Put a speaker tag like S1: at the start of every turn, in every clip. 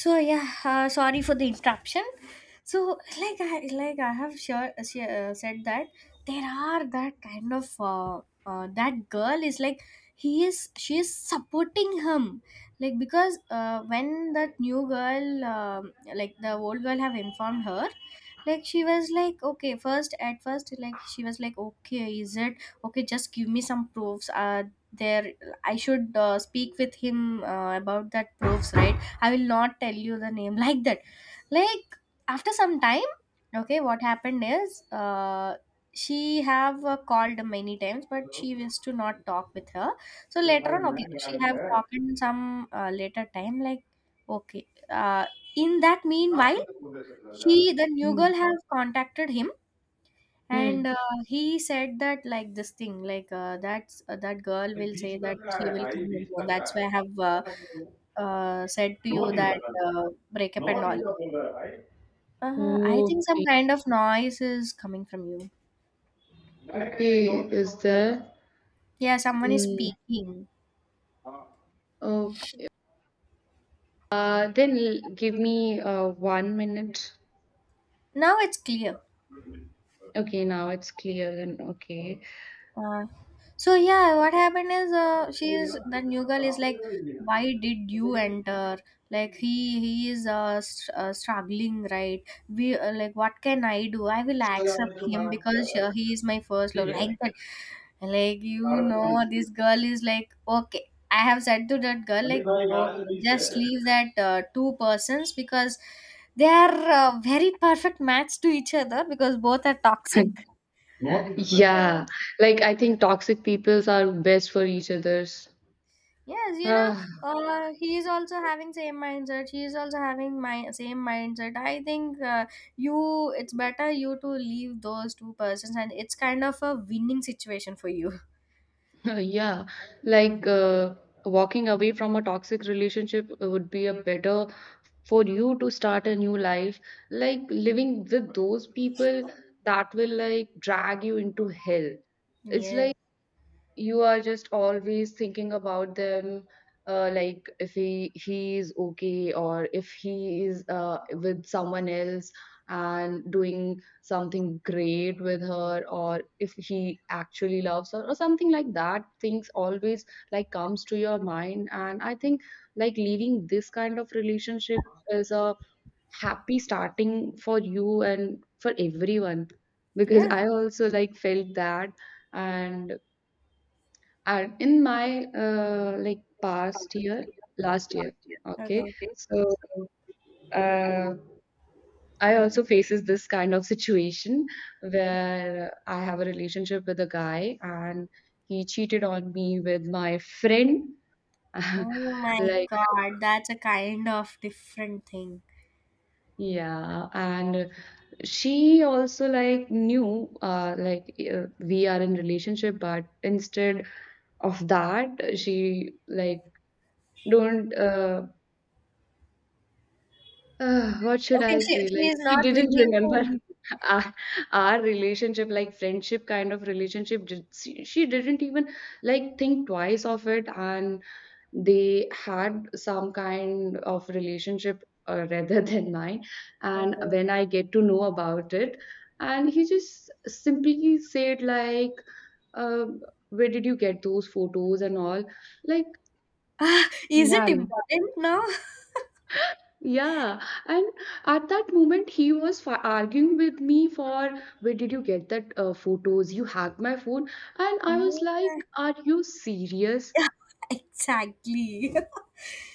S1: So yeah, sorry for the interruption. So, like, I like I have, sure, sure, said that there are that kind of that girl is like he is she is supporting him, like because when that new girl, like the old girl have informed her, like she was like, okay, first at first, like she was like, okay, is it okay, just give me some proofs. There, I should speak with him about that proofs, right? I will not tell you the name like that. Like after some time, okay, what happened is, she have called many times, but she wished to not talk with her. So later on, okay, she have talked in some later time. Like, okay, in that meanwhile, she the new
S2: Mm.
S1: girl have contacted him. And
S2: Mm.
S1: he said that, like, this thing, like, that girl will say that she will come with you. That's why I have said to you that, breakup and all. I think some
S2: Okay.
S1: kind of noise is coming from you.
S2: Okay. Is there?
S1: Yeah, someone is
S2: Mm.
S1: speaking.
S2: Okay. Give me 1 minute.
S1: Now it's clear.
S2: Okay, now it's clear and okay.
S1: Uh, so yeah, what happened is, she is that new girl is like, why did you enter? Like he is, struggling, right? We Like, what can I do? I will accept him because he is my first love, like that. Like, you know, this girl is like, okay. I have said to that girl like, okay, just leave that two persons because they are very perfect match to each other, because both are toxic. So,
S2: Yeah, like I think toxic peoples are best for each other's.
S1: yes, you know, he is also having same mindset. She is also having my same mindset. I think, you, it's better you to leave those two persons, and it's kind of a winning situation for you.
S2: Yeah, like walking away from a toxic relationship would be a better for you to start a new life. Like living with those people that will like drag you into hell. It's
S1: Yes,
S2: like you are just always thinking about them, like if he is okay or if he is with someone else and doing something great with her, or if he actually loves her or something like that, things always like comes to your mind. And I think like leaving this kind of relationship is a happy starting for you and for everyone, because
S1: yes.
S2: I also like felt that. And and in my, like, past year, last year, okay,
S1: Okay.
S2: so, uh, I also faces this kind of situation where I have a relationship with a guy, and he cheated on me with my friend.
S1: Oh my
S2: Like
S1: God, that's a kind of different thing.
S2: yeah, and she also, like, knew, like, we are in relationship, but instead of that, she, like, don't, ugh, what should
S1: Okay,
S2: I
S1: she,
S2: say?
S1: she
S2: Like,
S1: is
S2: she
S1: not willing
S2: didn't
S1: to
S2: remember
S1: leave.
S2: our, our relationship, like friendship kind of relationship. She didn't even like think twice of it, and they had some kind of relationship, rather than mine. And
S1: Okay.
S2: when I get to know about it, and he just simply said like, um, "Where did you get those photos and all?" Like,
S1: Ah, is it
S2: man.
S1: important now?
S2: Yeah, and at that moment he was fi arguing with me for where did you get that photos? You hacked my phone, and I was
S1: Oh,
S2: like, "Are you serious?
S1: yeah, exactly.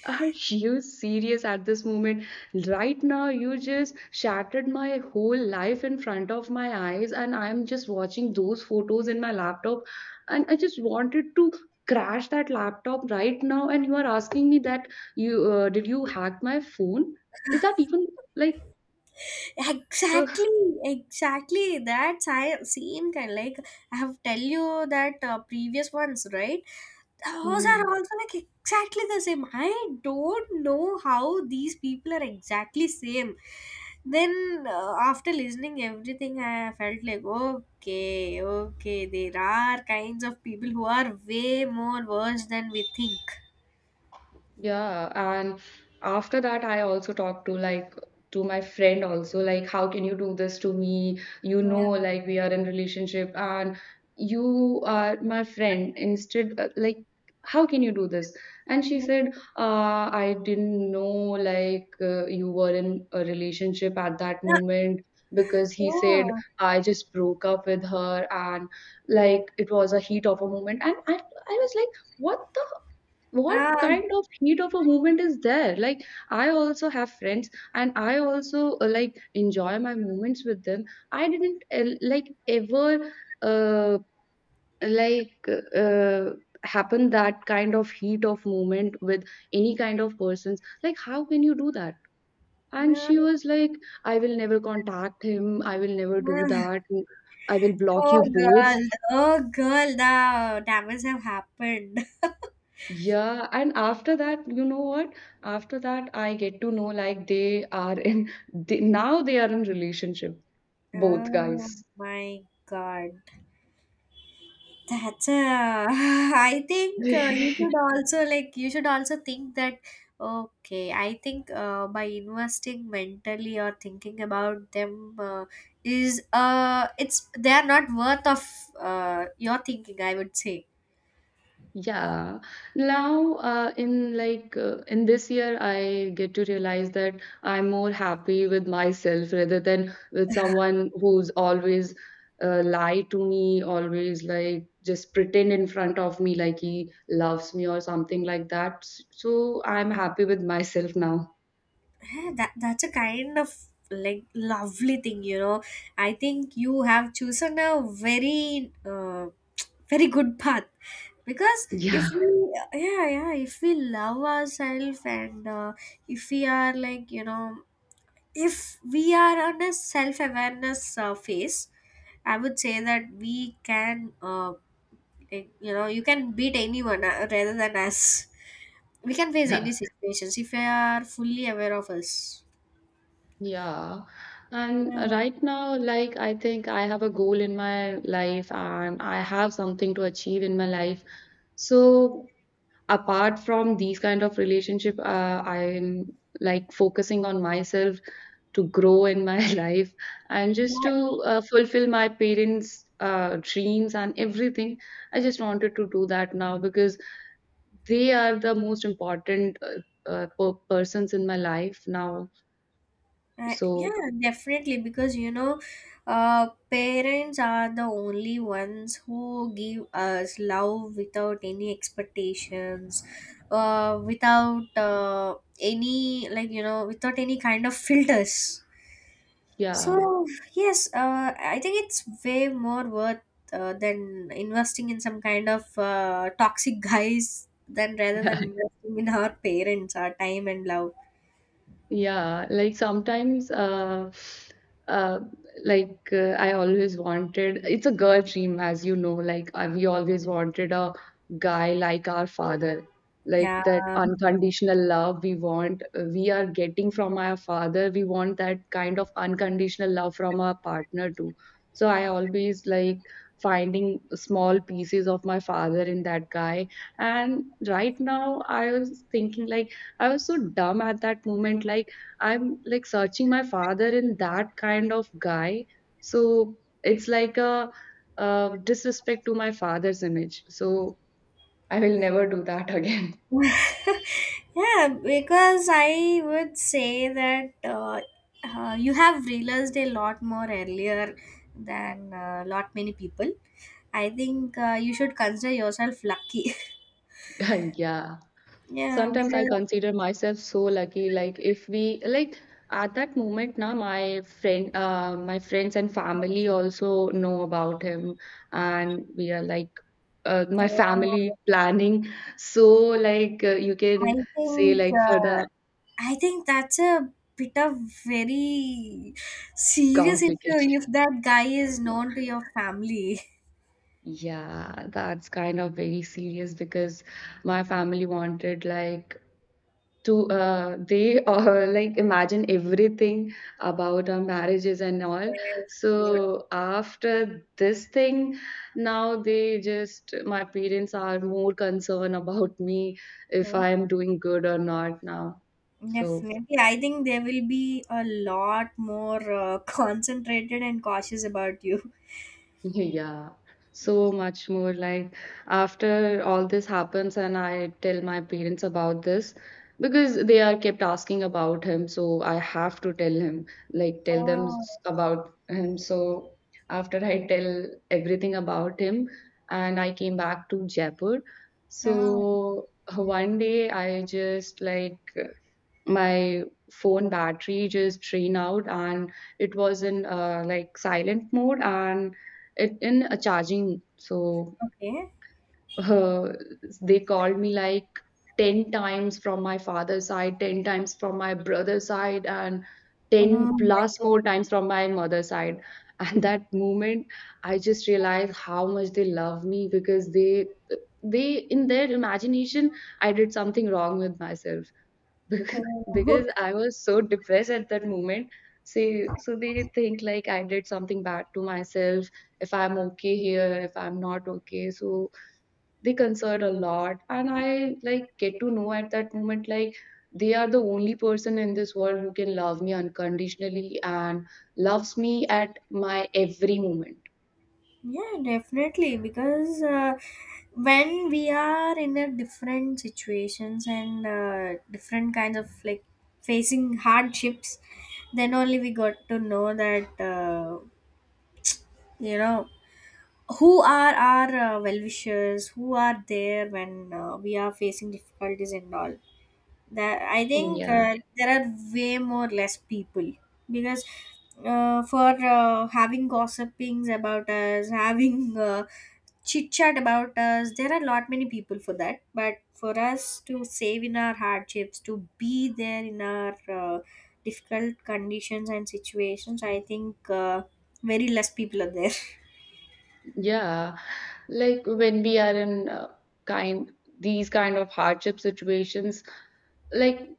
S2: Are you serious at this moment? Right now, you just shattered my whole life in front of my eyes, and I'm just watching those photos in my laptop, and I just wanted to crash that laptop right now, and you are asking me that you did you hack my phone? Is that even like so?"
S1: Exactly, exactly, that same kind, like I have tell you that previous ones, right? Those are
S2: Mm,
S1: also like exactly the same. I don't know how these people are exactly same. Then, after listening everything, I felt like, okay, okay, there are kinds of people who are way more worse than we think.
S2: yeah, and after that, I also talked to like to my friend also like, how can you do this to me? You
S1: Yeah,
S2: know, like we are in relationship and you are my friend. Instead, like, how can you do this? And she
S1: yeah,
S2: said, I didn't know like you were in a relationship at that moment because he said I just broke up with her, and like it was a heat of a moment. And I was like, what the?
S1: yeah,
S2: What kind of heat of a movement is there? Like, I also have friends and I also, like, enjoy my moments with them. I didn't like ever uh, like uh, happen that kind of heat of movement with any kind of persons. Like, how can you do that? And
S1: yeah.
S2: she was like, I will never contact him, I will never do
S1: Yeah.
S2: that, I will block
S1: Oh
S2: you both.
S1: girl, oh girl, the damage have happened.
S2: Yeah, and after that, you know what? After that, I get to know like they are in they, now they are in relationship, both
S1: Oh
S2: guys.
S1: my god. That's, I think, you should also think that, okay, I think, by investing mentally or thinking about them, is it's they are not worth of your thinking, I would say.
S2: Yeah. Now, in this year, I get to realize that I'm more happy with myself rather than with someone who's always lie to me, always like just pretend in front of me like he loves me or something like that. So I'm happy with myself now.
S1: Yeah, that's a kind of like lovely thing, you know. I think you have chosen a very, very good path, because if
S2: Yeah,
S1: we, yeah, yeah, if we love ourselves, and if we are, like, you know, if we are on a self awareness phase, I would say that we can, like, you know, you can beat anyone, rather than us. We can face any situations if we are fully aware of us.
S2: yeah. And
S1: Yeah.
S2: right now, like, I think I have a goal in my life and I have something to achieve in my life. So, apart from these kind of relationship, I'm like focusing on myself to grow in my life, and just to
S1: That,
S2: fulfill my parents' dreams and everything. I just wanted to do that now because they are the most important persons in my life now. So,
S1: yeah, definitely, because, you know, parents are the only ones who give us love without any expectations, without any, like, you know, without any kind of filters.
S2: yeah,
S1: So yes, I think it's way more worth than investing in some kind of toxic guys, than rather
S2: yeah,
S1: than investing in our parents, our time and love.
S2: yeah. Like sometimes, uh, I always wanted. It's a girl dream, as you know. We always wanted a guy like our father, like
S1: Yeah.
S2: that unconditional love we want. We are getting from our father. We want that kind of unconditional love from our partner too. So I always like finding small pieces of my father in that guy. And right now, I was thinking like, I was so dumb at that moment. Like, I'm like searching my father in that kind of guy. So it's like a, uh, disrespect to my father's image. So I will never do that again.
S1: Yeah, because I would say that you have realized a lot more earlier than a, lot many people. I think, you should consider yourself lucky.
S2: Yeah.
S1: Yeah,
S2: Sometimes I
S1: because
S2: consider myself so lucky. Like, if we like at that moment, now my friend, my friends and family also know about him, and we are like, my
S1: uh,
S2: family planning, so like, you
S1: I
S2: can say
S1: think
S2: like for
S1: uh,
S2: the
S1: I think that's a bit of very serious issue
S2: complicated,
S1: if that guy is known to your family.
S2: yeah, that's kind of very serious because my family wanted like to they like imagine everything about our marriages and all.
S1: Yes,
S2: So after this thing, now they just my parents are more concerned about me if I am
S1: yes.
S2: doing good or not now. So
S1: Definitely. I think they will be a lot more, concentrated and cautious about you.
S2: yeah, so much more. Like, after all this happens, and I tell my parents about this because they are kept asking about him, so I have to tell him, like, tell them
S1: Oh,
S2: about him. So, after I tell everything about him, and I came back to Jaipur.
S1: oh,
S2: So, one day I just like my phone battery just drained out, and it was in like silent mode, and it in a charging, so
S1: okay.
S2: uh, they called me like 10 times from my father's side, 10 times from my brother's side, and
S1: Oh
S2: 10
S1: my
S2: plus more times from my mother's side. And that moment I just realized how much they love me, because they in their imagination I did something wrong with myself, because
S1: God.
S2: because I was so depressed at that moment. See, so they think like I did something bad to myself. If I'm okay here, if I'm not okay, so they concern a lot, and I like get to know at that moment like they are the only person in this world who can love me unconditionally and loves me at my every moment.
S1: Yeah, definitely. Because, when we are in a different situations, and different kinds of, like, facing hardships, then only we got to know that, you know, who are our well wishers, who are there when, we are facing difficulties and all. That, I think,
S2: Yeah,
S1: there are way more less people, because, for having gossipings about us, having chit chat about us, there are lot many people for that. But for us to save in our hardships, to be there in our difficult conditions and situations, I think, very less people are there.
S2: yeah. Like when we are in kind these kind of hardship situations, like,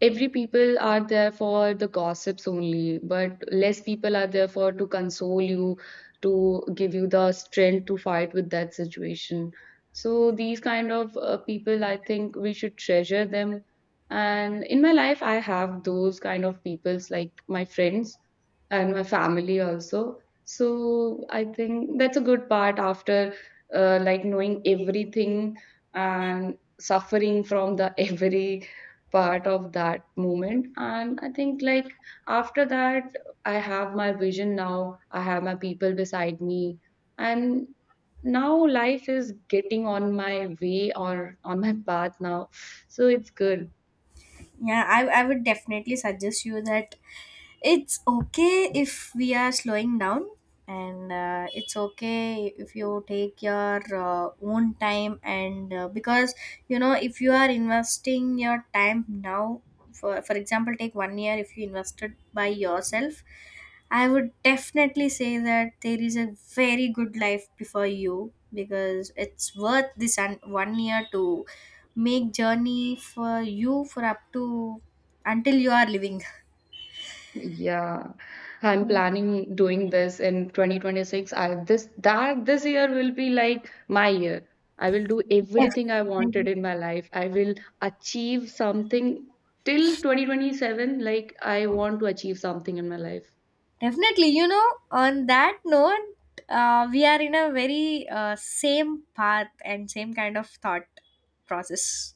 S2: every people are there for the gossips only, but less people are there for to console you, to give you the strength to fight with that situation. So these kind of people, I think we should treasure them. And in my life, I have those kind of peoples like my friends and my family also. So I think that's a good part after like knowing everything and suffering from the every part of that moment. And I think like after that, I have my vision now, I have my people beside me, and now life is getting on my way or on my path now, so it's good.
S1: Yeah, I would definitely suggest you that it's okay if we are slowing down, and it's okay if you take your own time. And because, you know, if you are investing your time now, for example, take 1 year, if you invested by yourself, I would definitely say that there is a very good life before you, because it's worth this 1 year to make journey for you for up to, until you are living.
S2: Yeah, I'm planning doing this in 2026. I this that This year will be like my year. I will do everything I wanted
S1: Definitely.
S2: in my life. I will achieve something till 2027. Like, I want to achieve something in my life.
S1: Definitely, you know, on that note, we are in a very, same path and same kind of thought process.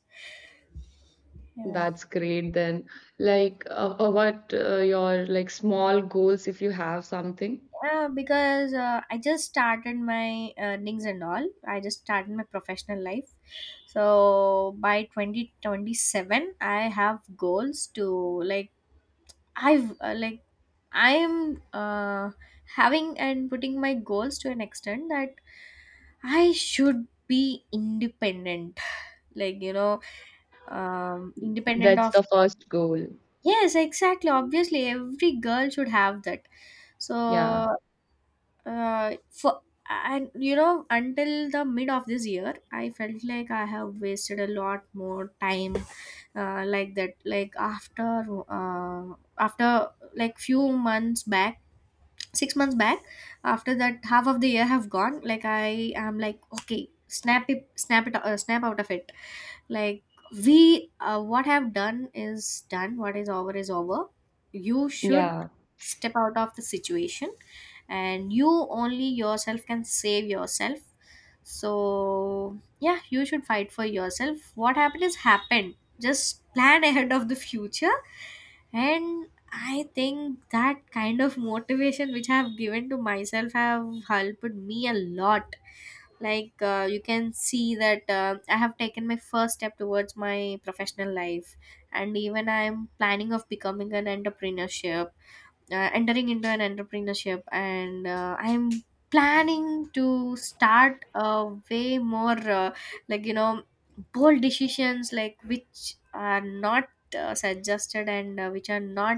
S1: Yeah.
S2: That's great then. Like, what your like small goals if you have something.
S1: Yeah, because I just started my earnings and all. I just started my professional life. So by 2027, I have goals to, like, I've, like I am having and putting my goals to an extent that I should be independent. Like, you know, independent
S2: That's
S1: of.
S2: the first goal.
S1: Yes, exactly. Obviously, every girl should have that. So,
S2: Yeah.
S1: for. And you know, until the mid of this year, I felt like I have wasted a lot more time, like that. Like after, like few months back, 6 months back, after that half of the year have gone, like I am like, okay, snap out of it, like, we what have done is done, what is over is over. You should
S2: Yeah.
S1: step out of the situation, and you, only yourself can save yourself. So yeah, you should fight for yourself. What happened is happened, just plan ahead of the future. And I think that kind of motivation which I have given to myself have helped me a lot. Like, you can see that, I have taken my first step towards my professional life, and even I am planning of becoming an entrepreneurship, entering into an entrepreneurship, and I am planning to start a way more, like, you know, bold decisions, like, which are not, suggested, and which are not,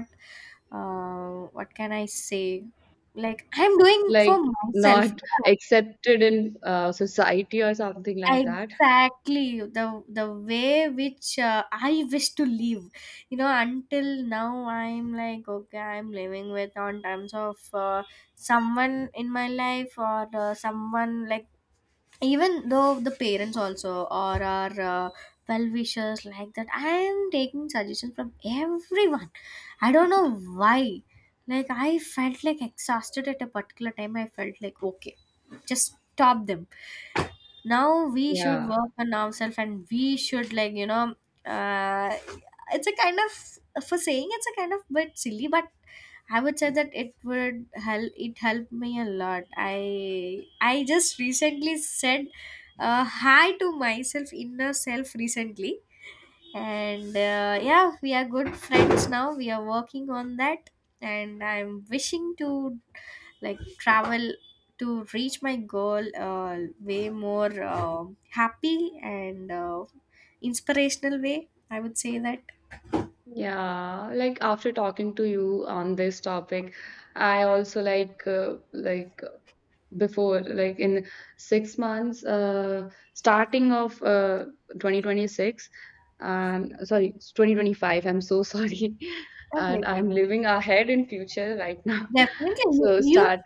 S1: what can I say? Like, I'm doing
S2: Like
S1: for myself.
S2: not
S1: Yeah,
S2: accepted in society or something like that.
S1: exactly. The way which, I wish to live. You know, until now I'm like, okay, I'm living with on terms of, someone in my life, or someone like, even though the parents also, or our, well-wishers, like that, I am taking suggestions from everyone. I don't know why, like, I felt like exhausted at a particular time, I felt like, okay, just stop them. Now we should
S2: Yeah,
S1: work on ourselves, and we should, like, you know, uh, it's a kind of, for saying, it's a kind of bit silly, but I would say that it would help. It helped me a lot. I just recently said, hi to myself, inner self, recently, and yeah, we are good friends now. We are working on that, and I'm wishing to, like, travel to reach my goal, way more, happy and, inspirational way. I would say that.
S2: yeah. Like after talking to you on this topic, I also like before like in 6 months, starting of 2026, and sorry, 2025. I'm so sorry,
S1: Okay,
S2: and
S1: okay.
S2: I'm living ahead in future right now.
S1: Definitely, you,
S2: So
S1: you
S2: start.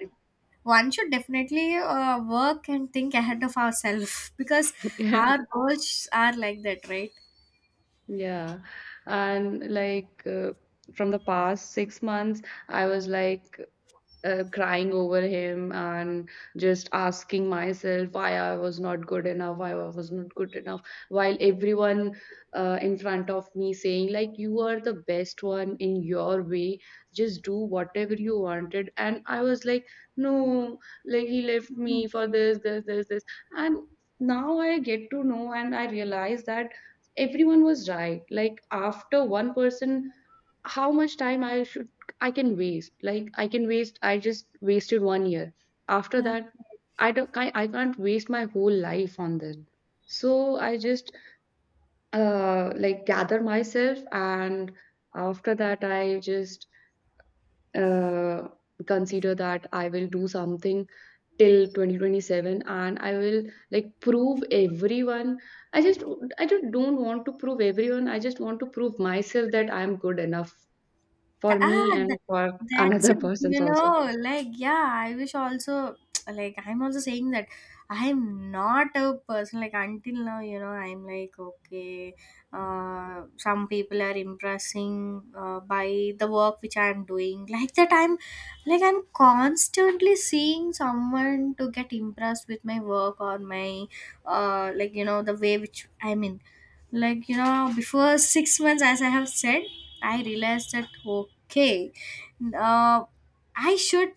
S1: one should definitely, work and think ahead of ourselves because our goals are like that, right?
S2: Yeah. And like, from the past 6 months, I was like crying over him and just asking myself why I was not good enough, why I was not good enough, while everyone in front of me saying, like, you are the best one in your way, just do whatever you wanted. And I was like, no, like, he left me for this, this, this, this. And now I get to know and I realize that everyone was right. Like, after one person, how much time I should I can waste. I just wasted 1 year. After
S1: Yeah.
S2: that, I don't. I can't waste my whole life on this. So I just like gather myself, and after that, I just uh, consider that I will do something till 2027, and I will like prove everyone. i just I just don't want to prove everyone, I just want to prove myself that I'm good enough for
S1: Th-
S2: me
S1: ah
S2: and
S1: th-
S2: for
S1: that's
S2: another
S1: it, you
S2: persons
S1: know,
S2: also.
S1: like, yeah, I wish also like, I'm also saying that I'm not a person like, until now, you know, I'm like, okay, some people are impressing, by the work which I'm doing, like that. I'm like, I'm constantly seeing someone to get impressed with my work or my, like, you know, the way which I'm in, like, you know, before 6 months, as I have said, I realized that, okay, uh, I should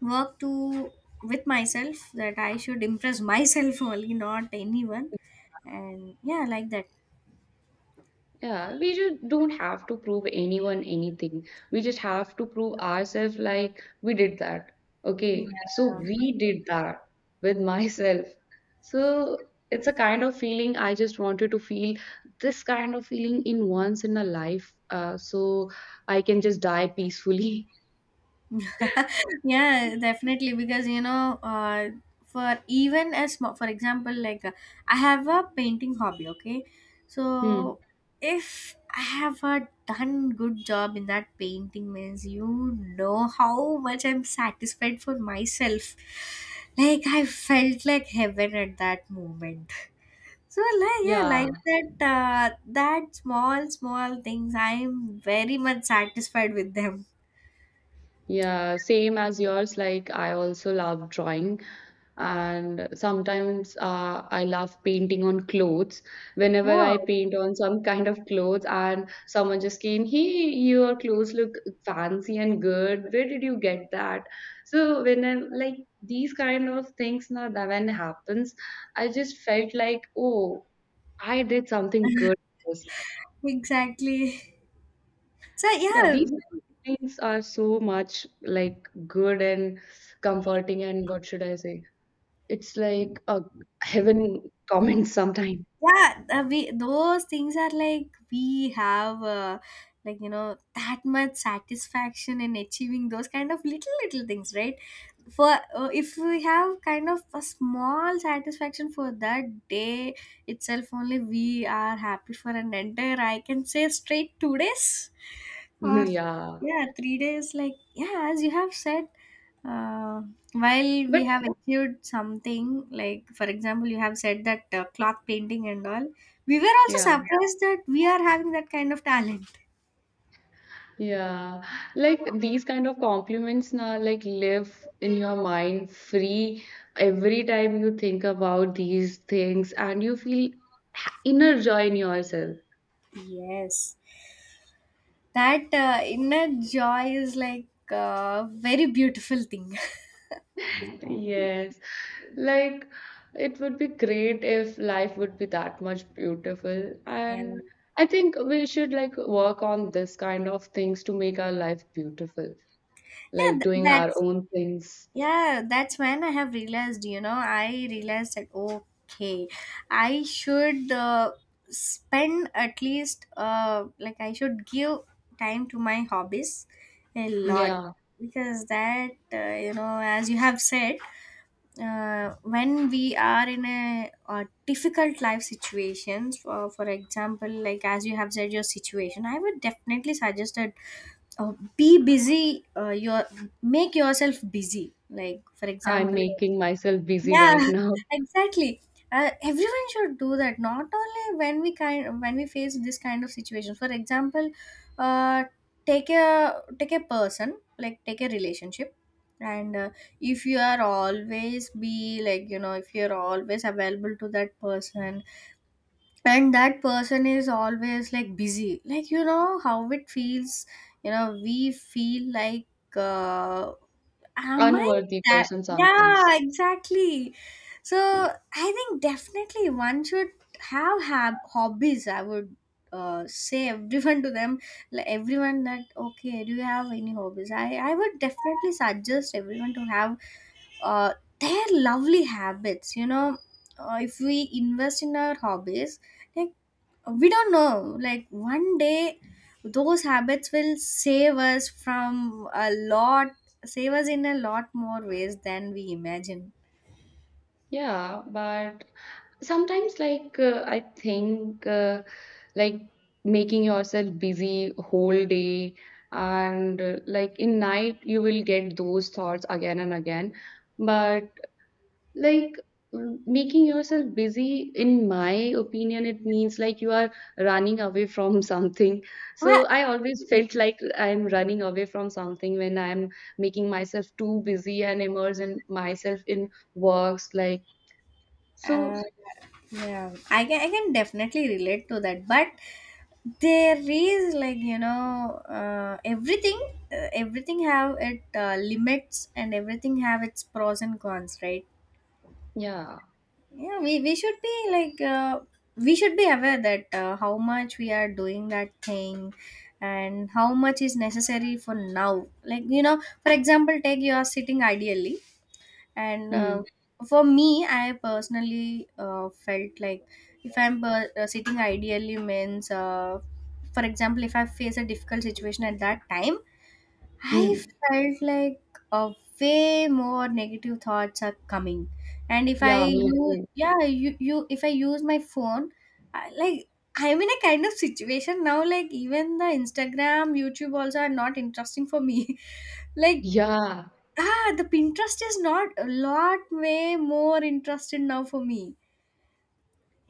S1: work to, with myself, that I should impress myself only, not anyone, and yeah, like that.
S2: Yeah, we just don't have to prove anyone anything. We just have to prove ourselves like we did that. Okay, so
S1: Yeah.
S2: we did that with myself. So it's a kind of feeling I just wanted to feel this kind of feeling in once in a life, so I can just die peacefully.
S1: Yeah, definitely because for even as small, for example, I have a painting hobby, okay, so
S2: Hmm.
S1: if I have a done good job in that painting means you know how much I'm satisfied for myself, like I felt like heaven at that moment. So like yeah,
S2: Yeah.
S1: like that, that small things I'm very much satisfied with them.
S2: Yeah, same as yours. Like, I also love drawing, and sometimes I love painting on clothes. Whenever
S1: Oh,
S2: I paint on some kind of clothes, and someone just came, "Hey, your clothes look fancy and good. Where did you get that?" So, when I like these kind of things, now that when happens, I just felt like, "Oh, I did something good."
S1: exactly. So
S2: Yeah,
S1: yeah,
S2: these things are so much like good and comforting and what should I say? It's like a heaven comment sometime.
S1: yeah, we those things are like we have like you know that much satisfaction in achieving those kind of little things, right? For If we have kind of a small satisfaction for that day itself, only we are happy for an entire, I can say straight 2 days. Or
S2: Yeah.
S1: yeah, 3 days like yeah, as you have said, uh, while we
S2: But
S1: have achieved something, like for example, you have said that cloth painting and all, we were also
S2: yeah,
S1: surprised that we are having that kind of talent.
S2: yeah. Like these kind of compliments now like live in your mind free every time you think about these things and you feel inner joy in yourself.
S1: Yes, that inner joy is like a very beautiful thing.
S2: Yes, like it would be great if life would be that much beautiful.
S1: Yeah,
S2: And I think we should like work on this kind of things to make our life beautiful,
S1: yeah,
S2: like doing our own things.
S1: that's when I have realized, you know, I realized that okay, I should spend at least, like I should give time to my hobbies a lot,
S2: Yeah,
S1: because that you know as you have said, when we are in a, difficult life situations for example like as you have said your situation, I would definitely suggest a be busy, your make yourself busy like for
S2: I'm
S1: example.
S2: making myself busy
S1: Yeah,
S2: right now.
S1: exactly. Everyone should do that, not only when we kind when we face this kind of situation. For example, uh, take a take a person, like take a relationship, and if you are always be like, you know, if you are always available to that person and that person is always like busy, like you know how it feels, you know we feel like uh, am I
S2: Unworthy
S1: that,
S2: person
S1: yeah
S2: sometimes.
S1: exactly. So I think definitely one should have hobbies, I would say everyone to them, like everyone, that okay do you have any hobbies, I would definitely suggest everyone to have, uh, they're lovely habits, you know. If we invest in our hobbies, like we don't know, like one day those habits will save us from a lot, save us in a lot more ways than we imagine.
S2: Yeah, but sometimes, like, I think, like, making yourself busy whole day and like in night you will get those thoughts again and again, but like, making yourself busy in my opinion it means like you are running away from something. So
S1: What?
S2: I always felt like I'm running away from something when I'm making myself too busy and immersing myself in works like,
S1: Uh,
S2: so
S1: yeah, I can definitely relate to that, but there is like you know everything, everything have it limits and everything have its pros and cons, right?
S2: yeah.
S1: Yeah, we should be like, we should be aware that how much we are doing that thing and how much is necessary for now. Like you know, for example, take you are sitting ideally and
S2: Hmm.
S1: for me I personally felt like if I'm sitting ideally means, for example if I face a difficult situation at that time I
S2: 嗯，
S1: felt like uh, way more negative thoughts are coming, and if I
S2: 要弥
S1: use
S2: 补，
S1: yeah you if I use my phone, I, like I'm in a kind of situation now, like even the Instagram, YouTube also are not interesting for me. Like
S2: 要。
S1: ah, the Pinterest is not a lot way more interested now for me,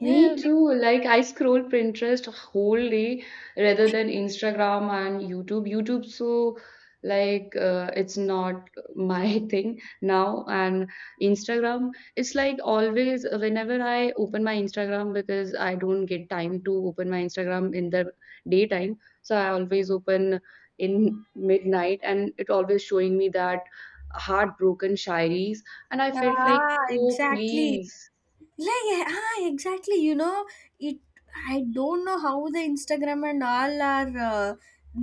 S1: yeah.
S2: too. Like I scroll Pinterest a whole day rather than Instagram and YouTube. YouTube, so like it's not my thing now. And Instagram, it's like always whenever I open my Instagram because I don't get time to open my Instagram in the daytime. So I always open in midnight, and it always showing me that heartbroken shairies, and I felt like,
S1: Ah
S2: "Oh
S1: exactly,
S2: please."
S1: like ah exactly, you know it, I don't know how the Instagram and all are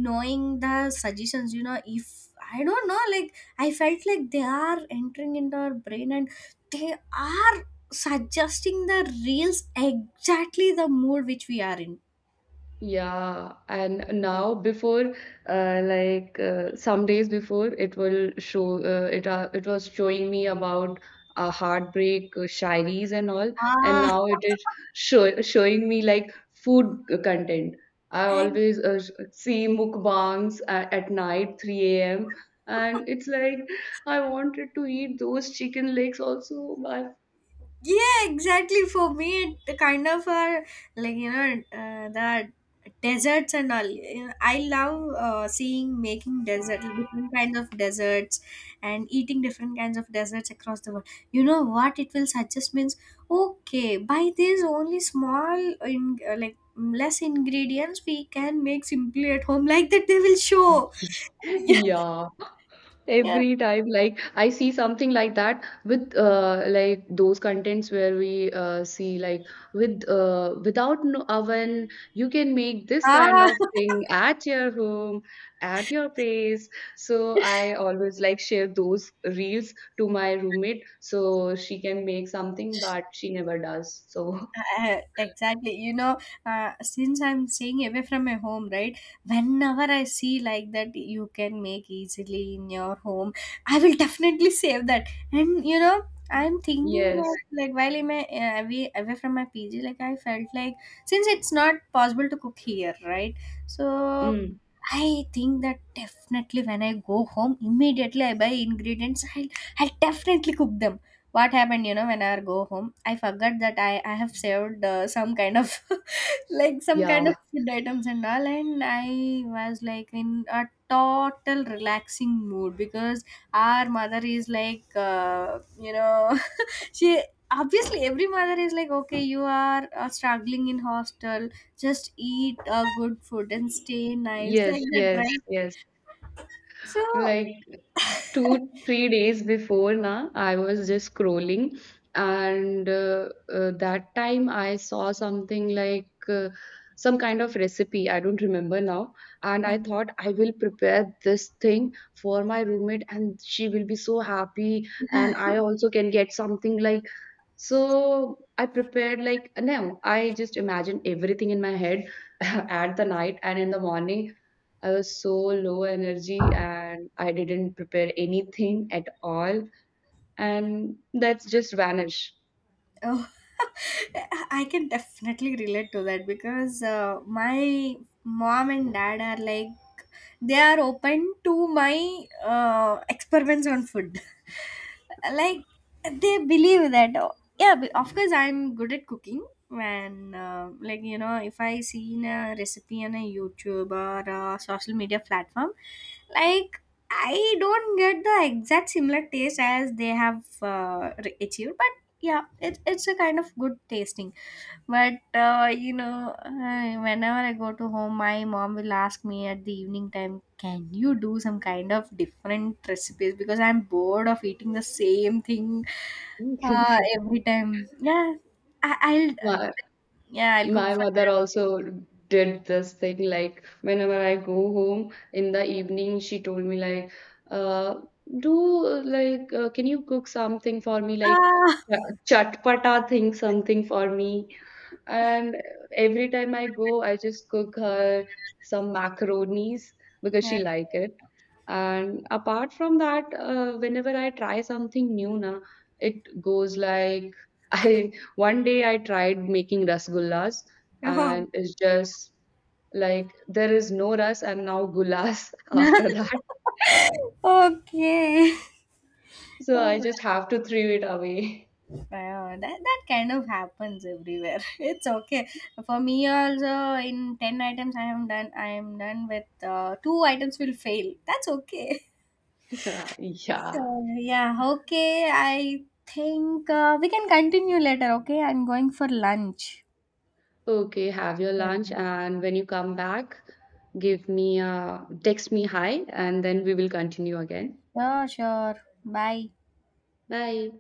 S1: knowing the suggestions, you know, if I don't know, like I felt like they are entering into our brain and they are suggesting the reels exactly the mood which we are in.
S2: Yeah, and now before, like some days before, it will show it was showing me about heartbreak shairis and all, and
S1: Ah
S2: now it is showing me like food content. I
S1: and
S2: always see mukbangs at night, 3 a.m. And it's like I wanted to eat those chicken legs also, but
S1: yeah exactly, for me it kind of are like you know the deserts and all. You know, I love seeing making desert, different kinds of deserts and eating different kinds of deserts across the world. You know what it will suggest means, okay by this only small in, like less ingredients we can make simply at home, like that they will show. Yeah.
S2: yeah. Every time, like I see something like that with like those contents where we see like with without an oven, you can make this kind
S1: Ah,
S2: of thing at your home, at your place. So I always like share those reels to my roommate so she can make something, but she never does. So
S1: Exactly, you know since I'm staying away from my home, right, whenever I see like that you can make easily in your home, I will definitely save that, and you know I'm thinking of,
S2: yes,
S1: like while I'm away, from my PG, like I felt like since it's not possible to cook here, right, so
S2: mm,
S1: I think that definitely when I go home immediately I buy ingredients, I'll definitely cook them. What happened, you know, when I go home I forgot that I have saved some kind of like some kind of
S2: yeah,
S1: food items and all, and I was like in a total relaxing mood because our mother is like you know, she obviously, every mother is like okay you are struggling in hostel, just eat a good food and stay nice like
S2: yes,
S1: that
S2: yes,
S1: right.
S2: yes.
S1: So
S2: Like 2 3 days before na I was just scrolling and that time I saw something like some kind of recipe I don't remember now, and I thought I will prepare this thing for my roommate and she will be so happy and I also can get something like. So I prepared like, no, I just imagined everything in my head at the night and in the morning. I was so low energy and I didn't prepare anything at all, and that's just vanish.
S1: oh, I can definitely relate to that because my mom and dad are like they are open to my experiments on food. Like they believe that oh yeah, of course I'm good at cooking, and like you know if I see in a recipe on a YouTube or a social media platform, like I don't get the exact similar taste as they have achieved, yeah it's a kind of good tasting. But you know whenever I go to home my mom will ask me at the evening time, can you do some kind of different recipes because I'm bored of eating the same thing every time. Yeah, I, I'll yeah I'll cook
S2: My
S1: for
S2: mother also did this thing like whenever I go home in the evening, she told me like, uh, do like can you cook something for me like
S1: ah,
S2: chatpata thing something for me, and every time I go, I just cook her some macaronis because she
S1: yeah.
S2: like it. And apart from that, whenever I try something new, na, it goes like I, one day I tried making rasgullas, and it's just like there is no ras and now gulas after that.
S1: Okay.
S2: So I
S1: Okay.
S2: just have to throw it away.
S1: That kind of happens everywhere. It's okay for me also. In ten items, I am done. I am done with two items will fail. That's okay.
S2: Yeah.
S1: So yeah, okay. I think we can continue later. Okay, I'm going for lunch.
S2: Okay, have your lunch,
S1: Okay.
S2: and when you come back, give me a text me hi, and then we will continue again.
S1: Sure, sure. Bye.
S2: Bye.